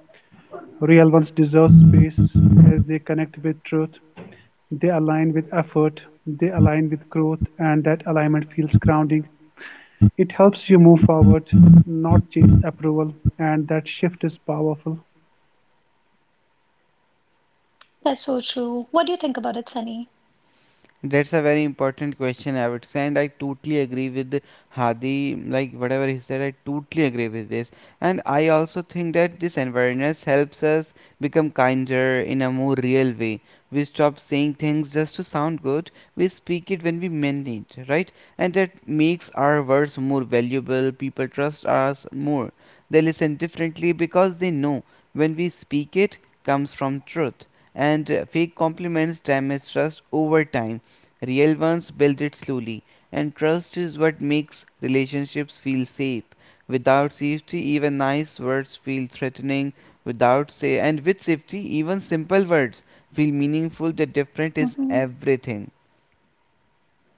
Speaker 3: Real ones deserve space as they connect with truth, they align with effort, they align with growth, and that alignment feels grounding. It helps you move forward, not chase approval, and that shift is powerful.
Speaker 1: That's so true. What do you think about it, Sunny?
Speaker 2: That's a very important question, I would say, and I totally agree with Hadi. Like whatever he said, I totally agree with this. And I also think that this awareness helps us become kinder in a more real way. We stop saying things just to sound good. We speak it when we mean it, right? And that makes our words more valuable. People trust us more. They listen differently because they know when we speak it comes from truth and fake compliments damage trust over time. Real ones build it slowly, and trust is what makes relationships feel safe. Without safety, even nice words feel threatening. Without say, and with safety, even simple words feel meaningful. The difference is
Speaker 1: Mm-hmm.
Speaker 2: everything.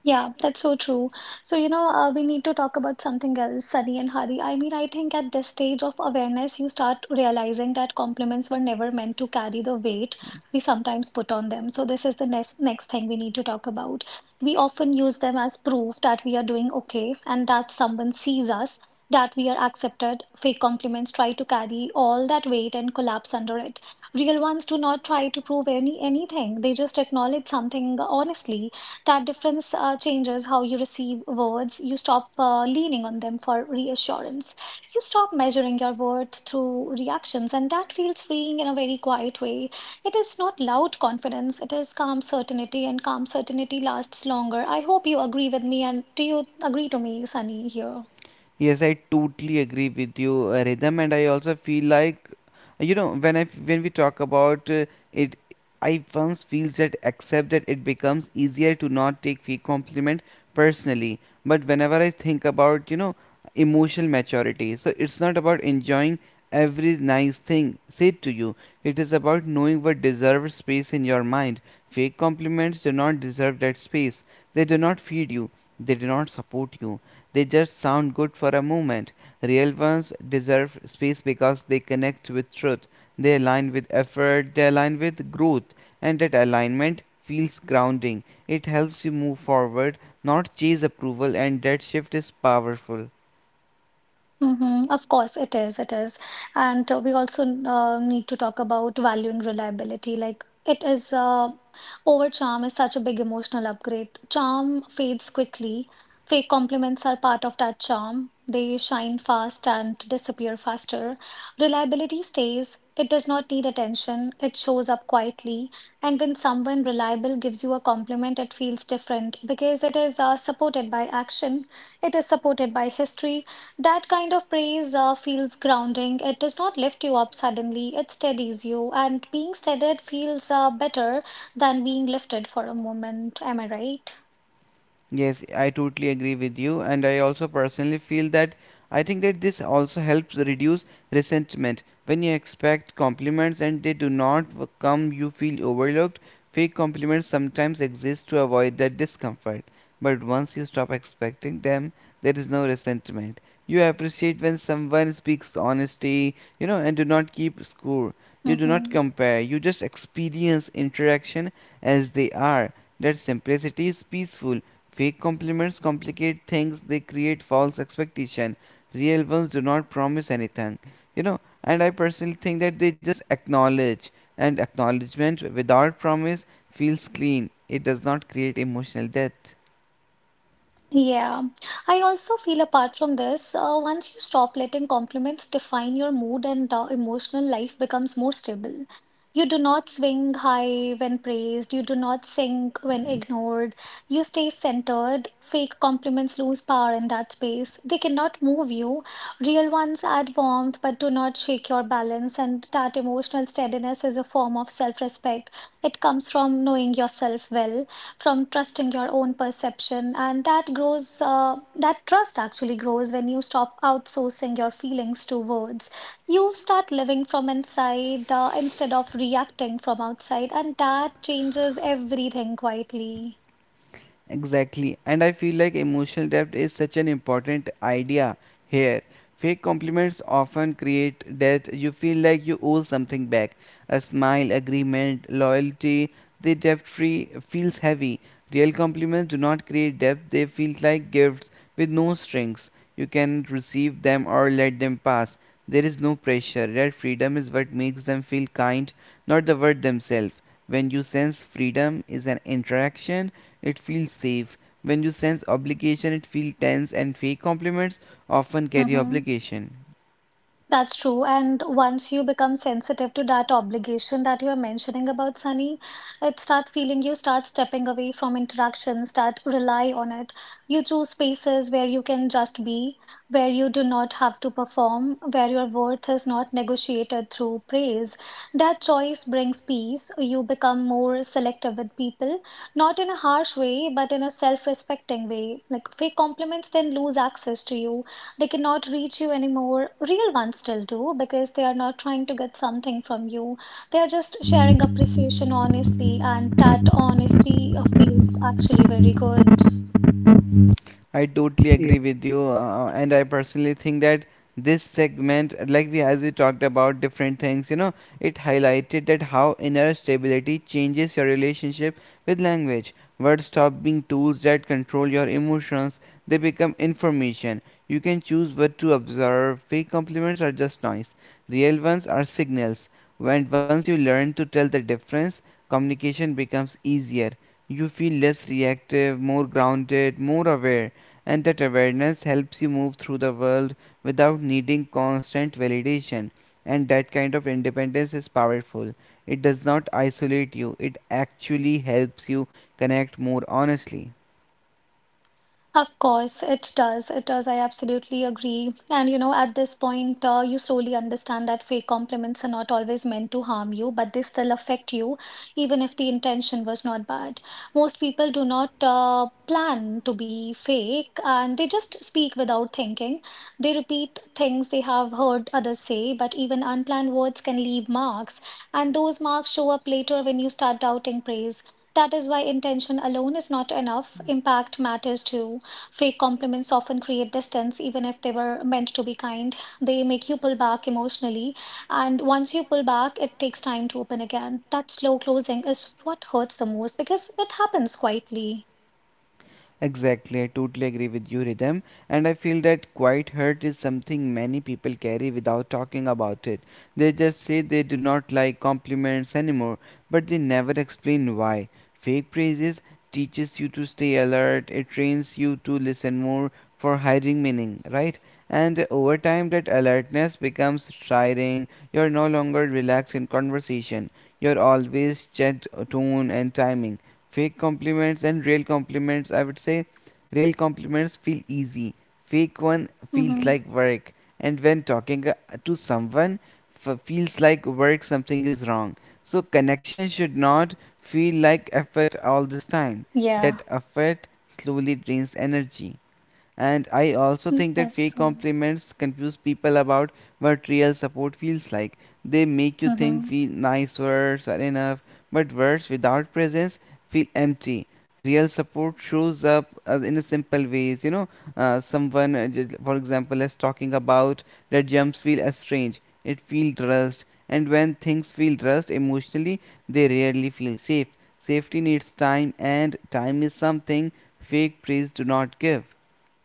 Speaker 1: Yeah, that's so true. So, you know, we need to talk about something else, Sunny and Hari. I mean, I think at this stage of awareness, you start realizing that compliments were never meant to carry the weight we sometimes put on them. So, this is the next thing we need to talk about. We often use them as proof that we are doing okay and that someone sees us, that we are accepted. Fake compliments try to carry all that weight and collapse under it. Real ones do not try to prove anything. They just acknowledge something honestly. That difference changes how you receive words. You stop leaning on them for reassurance. You stop measuring your worth through reactions, and that feels freeing in a very quiet way. It is not loud confidence, it is calm certainty, and calm certainty lasts longer. I hope you agree with me, and do you agree to me, Sunny, here?
Speaker 2: Yes, I totally agree with you, Rhythm, and I also feel like when we talk about it, I once feels that accept that it becomes easier to not take fake compliment personally. But whenever I think about you know emotional maturity, so it's not about enjoying every nice thing said to you. It is about knowing what deserves space in your mind. Fake compliments do not deserve that space. They do not feed you. They do not support you they just sound good for a moment. Real ones deserve space because they connect with truth, they align with effort, they align with growth, and that alignment feels grounding. It helps you move forward, not chase approval, and that shift is powerful.
Speaker 1: Mm-hmm. Of course, it is. It is. And we also need to talk about valuing reliability. Like, it is, over charm is such a big emotional upgrade. Charm fades quickly. Fake compliments are part of that charm. They shine fast and disappear faster. Reliability stays. It does not need attention. It shows up quietly. And when someone reliable gives you a compliment, it feels different because it is supported by action. It is supported by history. That kind of praise feels grounding. It does not lift you up suddenly, it steadies you. And being steadied feels better than being lifted for a moment. Am I right?
Speaker 2: Yes, I totally agree with you, and I also personally feel that I think that this also helps reduce resentment. When you expect compliments and they do not w- come, you feel overlooked. Fake compliments sometimes exist to avoid that discomfort, but once you stop expecting them, there is no resentment. You appreciate when someone speaks honesty, you know, and do not keep score. You do not
Speaker 1: Mm-hmm.
Speaker 2: compare, you just experience interaction as they are. That simplicity is peaceful. Fake compliments complicate things, they create false expectation. Real ones do not promise anything. You know, and I personally think that they just acknowledge and acknowledgement without promise feels clean. It does not create emotional depth.
Speaker 1: Yeah, I also feel apart from this, once you stop letting compliments define your mood and emotional life becomes more stable. You do not swing high when praised, you do not sink when ignored, you stay centered. Fake compliments lose power in that space. They cannot move you. Real ones add warmth but do not shake your balance, and that emotional steadiness is a form of self-respect. It comes from knowing yourself well, from trusting your own perception, and that grows that trust actually grows when you stop outsourcing your feelings to words. You start living from inside instead of reacting from outside, and that changes everything quietly.
Speaker 2: Exactly. And I feel like emotional depth is such an important idea here. Fake compliments often create debt. You feel like you owe something back. A smile, agreement, loyalty, the debt free feels heavy. Real compliments do not create debt. They feel like gifts with no strings. You can receive them or let them pass. There is no pressure. That freedom is what makes them feel kind, not the word themselves. When you sense freedom is an interaction, it feels safe. When you sense obligation, it feels tense, and fake compliments often carry
Speaker 1: Hmm.
Speaker 2: obligation.
Speaker 1: That's true. And once you become sensitive to that obligation that you're mentioning about, Sunny, it start feeling, you start stepping away from interactions that rely on it. You choose spaces where you can just be, where you do not have to perform, where your worth is not negotiated through praise. That choice brings peace. You become more selective with people, not in a harsh way, but in a self-respecting way. Like fake compliments then lose access to you, they cannot reach you anymore. Real ones still do because they are not trying to get something from you. They are just sharing appreciation honestly, and that honesty feels actually very good.
Speaker 2: I
Speaker 3: Yeah.
Speaker 2: totally agree with you, and I personally think that this segment, like we talked about different things, you know, it highlighted that how inner stability changes your relationship with language. Words stop being tools that control your emotions; they become information. You can choose what to observe. Fake compliments are just noise. Real ones are signals. When once you learn to tell the difference, communication becomes easier. You feel less reactive, more grounded, more aware and that awareness helps you move through the world without needing constant validation. And that kind of independence is powerful. It does not isolate you, it actually helps you connect more honestly.
Speaker 1: Of course, it does. It does. I absolutely agree. And you know, at this point, you slowly understand that fake compliments are not always meant to harm you, but they still affect you, even if the intention was not bad. Most people do not plan to be fake and they just speak without thinking. They repeat things they have heard others say, but even unplanned words can leave marks. And those marks show up later when you start doubting praise. That is why intention alone is not enough. Impact matters too. Fake compliments often create distance, even if they were meant to be kind. They make you pull back emotionally, and once you pull back, it takes time to open again. That slow closing is what hurts the most because it happens quietly.
Speaker 2: Exactly, I totally agree with you, Rhythm. And I feel that quiet hurt is something many people carry without talking about it. They just say they do not like compliments anymore, but they never explain why. Fake praises teaches you to stay alert, it trains you to listen more for hiding meaning, right? And over time, that alertness becomes tiring. You're no longer relaxed in conversation. You're always checked tone and timing fake compliments and real compliments I would say real compliments feel easy fake one feels
Speaker 1: hmm
Speaker 2: like work and when talking to someone feels like work something is wrong so connection should not feel like effort all this time that
Speaker 1: Yeah.
Speaker 2: effort slowly drains energy. And I also think that
Speaker 1: That's
Speaker 2: fake
Speaker 1: true.
Speaker 2: compliments confuse people about what real support feels like. They make you think
Speaker 1: Mm-hmm.
Speaker 2: feel nice words are enough, but words without presence feel empty. Real support shows up in a simple ways. You know, for example, is talking about that jumps feel strange. It feels rushed, and when things feel rushed emotionally, they rarely feel safe. Safety needs time, and time is something fake praise do not give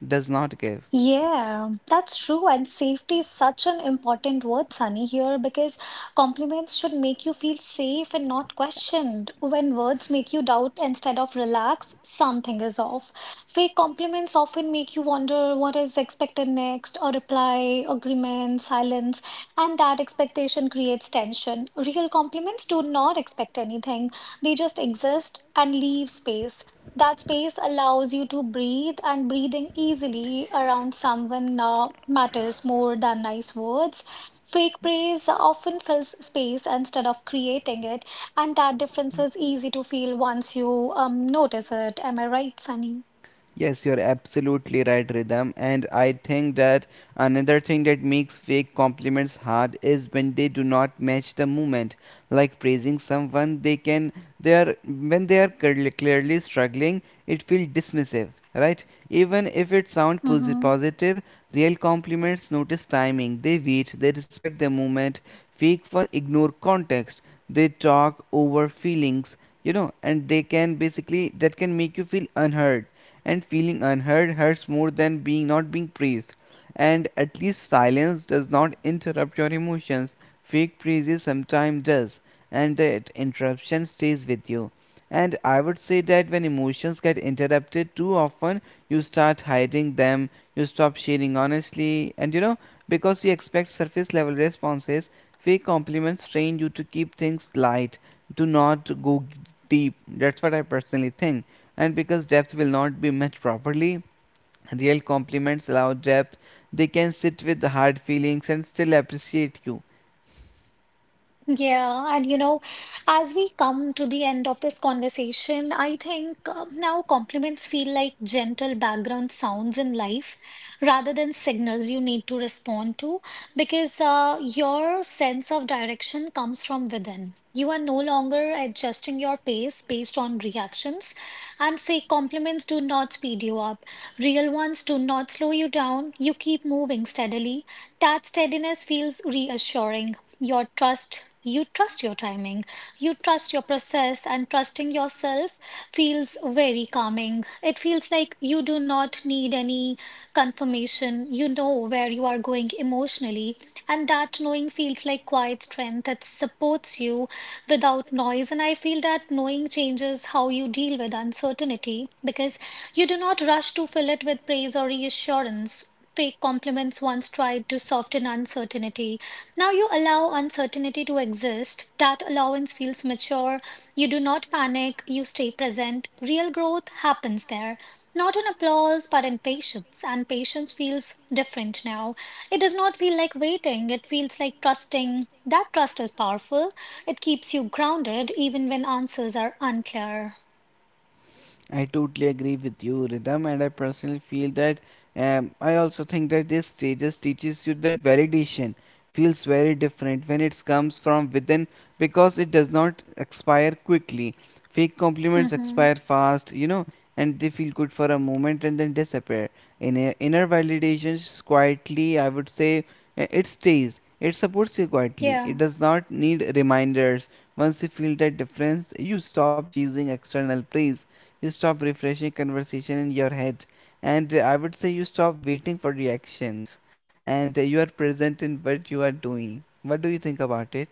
Speaker 2: does not give.
Speaker 1: Yeah, that's true. And safety is such an important word, Sunny, here because compliments should make you feel safe and not questioned. When words make you doubt instead of relax, something is off. Fake compliments often make you wonder what is expected next, a reply, agreement, silence, and that expectation creates tension. Real compliments do not expect anything, they just exist and leave space. That space allows you to breathe, and breathing easily around someone matters more than nice words. Fake praise often fills space instead of creating it, and that difference is easy to feel once you notice it. Am I right, Sunny?
Speaker 2: Yes, you're absolutely right, Rhythm. And I think that another thing that makes fake compliments hard is when they do not match the moment. Like praising someone, they can they are when they are clearly struggling, it feels dismissive, right? Even if it sounds
Speaker 1: Mm-hmm.
Speaker 2: positive, real compliments notice timing. They wait. They respect the moment. Fake one ignore context. They talk over feelings, you know, and they can basically that can make you feel unheard and feeling unheard hurts more than being not being praised. And at least silence does not interrupt your emotions. Fake praises sometimes does, and that interruption stays with you. And I would say that when emotions get interrupted too often, you start hiding them, you stop sharing honestly, and you know, because you expect surface level responses, fake compliments train you to keep things light, to not go deep. That's what I personally think and because depth will not be met properly, real compliments allow depth. They can sit with hard feelings and still appreciate you.
Speaker 1: Yeah, and you know, as we come to the end of this conversation, I think now compliments feel like gentle background sounds in life rather than signals you need to respond to because your sense of direction comes from within. You are no longer adjusting your pace based on reactions, and fake compliments do not speed you up. Real ones do not slow you down. You keep moving steadily. That steadiness feels reassuring, you trust your timing, you trust your process, and trusting yourself feels very calming. It feels like you do not need any confirmation. You know where you are going emotionally, and that knowing feels like quiet strength that supports you without noise. And I feel that knowing changes how you deal with uncertainty because you do not rush to fill it with praise or reassurance. Fake compliments once tried to soften uncertainty, now you allow uncertainty to exist. That allowance feels mature. You do not panic. You stay present. Real growth happens there. Not in applause, but in patience. And patience feels different now. It does not feel like waiting. It feels like trusting. That trust is powerful. It keeps you grounded even when answers are unclear.
Speaker 2: I totally agree with you, Rhythm, and I personally feel that I also think that these stages teaches you that validation feels very different when it comes from within because it does not expire quickly. Fake compliments
Speaker 1: hmm
Speaker 2: expire fast, you know, and they feel good for a moment and then disappear. Inner validation, quietly, I would say, it stays. It supports you quietly. It
Speaker 1: Yeah.
Speaker 2: does not need reminders. Once you feel that difference, you stop chasing external praise you stop refreshing conversation in your head and I would say you stop waiting for reactions and you are present in what you are doing what do you think about it.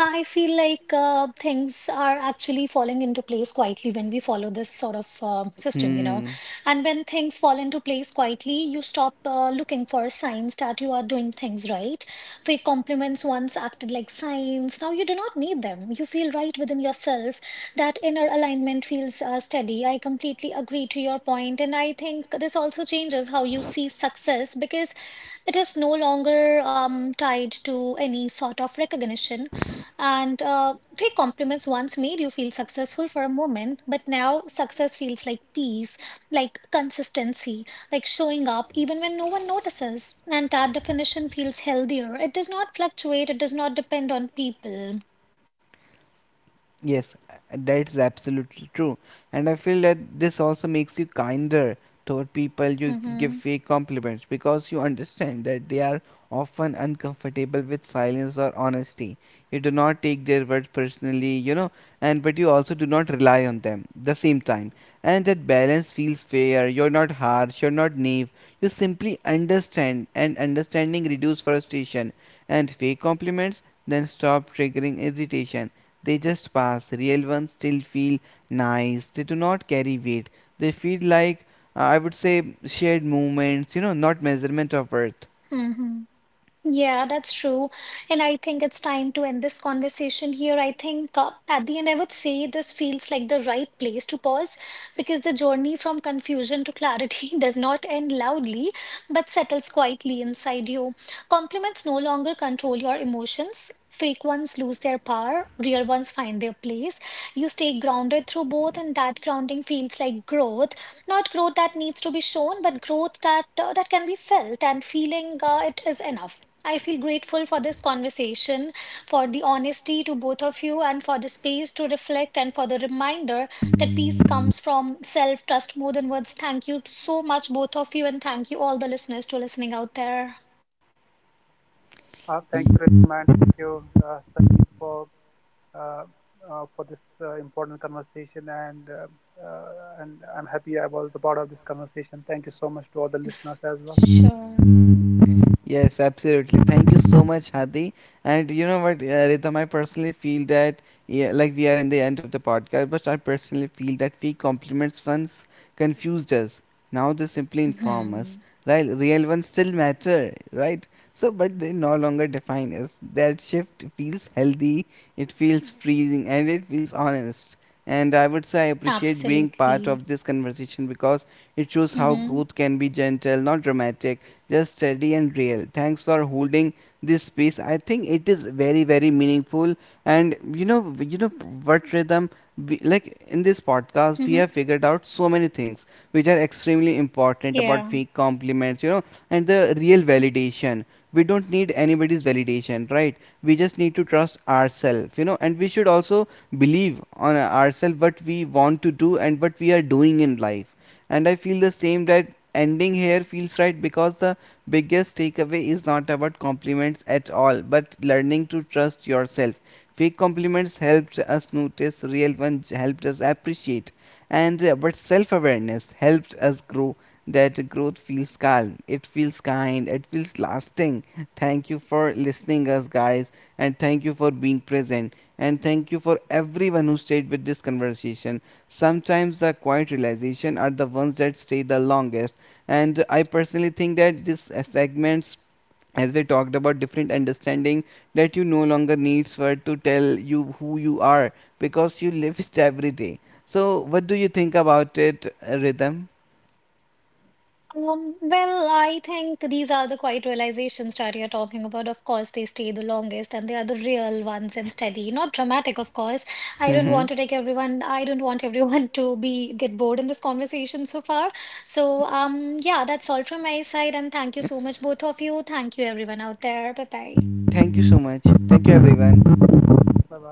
Speaker 1: I feel like things are actually falling into place quietly when we follow this sort of system, you know.
Speaker 2: Hmm.
Speaker 1: And when things fall into place quietly, you stop looking for signs that you are doing things right. Fake compliments once acted like signs. Now you do not need them. You feel right within yourself. That inner alignment feels steady. I completely agree to your point, and I think this also changes how you see success because it is no longer tied to any sort of recognition. And fake compliments once made you feel successful for a moment, but now success feels like peace, like consistency, like showing up even when no one notices. And that definition feels healthier. It does not fluctuate, it does not depend on people.
Speaker 2: Yes, that's absolutely true. And I feel that this also makes you kinder toward people you give
Speaker 1: Mm-hmm.
Speaker 2: fake compliments because you understand that they are often uncomfortable with silence or honesty. You do not take their words personally, you know, and but you also do not rely on them the same time. And that balance feels fair. You're not harsh, you're not naive. You simply understand, and understanding reduce frustration. And fake compliments then stop triggering hesitation they just pass. Real ones still feel nice. They do not carry weight. They feel like, I would say, shared moments, you know, not measurement of worth.
Speaker 1: Mm-hmm. Yeah, that's true. And I think it's time to end this conversation here. I think at the end, I would say this feels like the right place to pause because the journey from confusion to clarity does not end loudly, but settles quietly inside you. Compliments no longer control your emotions. Fake ones lose their power, real ones find their place. You stay grounded through both, and that grounding feels like growth, not growth that needs to be shown but growth that can be felt, and feeling it is enough. I feel grateful for this conversation, for the honesty to both of you, and for the space to reflect, and for the reminder that peace comes from self trust more than words. Thank you so much, both of you, and thank you, all the listeners, to listening out there.
Speaker 3: Thank you,
Speaker 2: Y-
Speaker 3: Rhythm, thank you, Sunny, uh, for this important conversation. And I'm happy I was the part of this conversation. Thank you so much to all the listeners as well.
Speaker 1: Sure.
Speaker 2: Yes, absolutely. Thank you so much, Hadi. And you know what, Rhythm, I personally feel that, yeah, like we are in the end of the podcast, but I personally feel that fake compliments once confused us. Now they simply inform
Speaker 1: Hmm.
Speaker 2: us. Right, real ones still matter, right? So, but they no longer define us. That shift feels healthy, it feels freezing, and it feels honest. And I would say I appreciate being
Speaker 1: Absolutely.
Speaker 2: part of this conversation because it shows how
Speaker 1: Hmm.
Speaker 2: growth can be gentle, not dramatic, just steady and real. Thanks for holding this space. I think it is very, very meaningful. And you know what rhythm? We, like in this podcast,
Speaker 1: Hmm.
Speaker 2: we have figured out so many things which are extremely important
Speaker 1: Yeah.
Speaker 2: about fake compliments, you know, and the real validation. We don't need anybody's validation, right? We just need to trust ourselves, you know, and we should also believe on ourselves what we want to do and what we are doing in life and I feel the same that ending here feels right because the biggest takeaway is not about compliments at all but learning to trust yourself fake compliments helped us notice real ones helped us appreciate and but self-awareness helped us grow that growth feels calm it feels kind it feels lasting. Thank you for listening us guys and thank you for being present and thank you for everyone who stayed with this conversation. Sometimes the quiet realization are the ones that stay the longest. And I personally think that this segments, as we talked about different understanding, that you no longer needs for to tell you who you are because you live it every day. So, what do you think about it, Rhythm?
Speaker 1: Well, I think these are the quiet realizations that you're talking about. Of course, they stay the longest and they are the real ones and steady. Not dramatic, of course.
Speaker 2: Hmm.
Speaker 1: I don't want everyone to be get bored in this conversation so far. So, yeah, that's all from my side. And thank you so much, both of you. Thank you, everyone out there. Bye bye.
Speaker 2: Thank you so much. Thank you, everyone.
Speaker 3: Bye bye.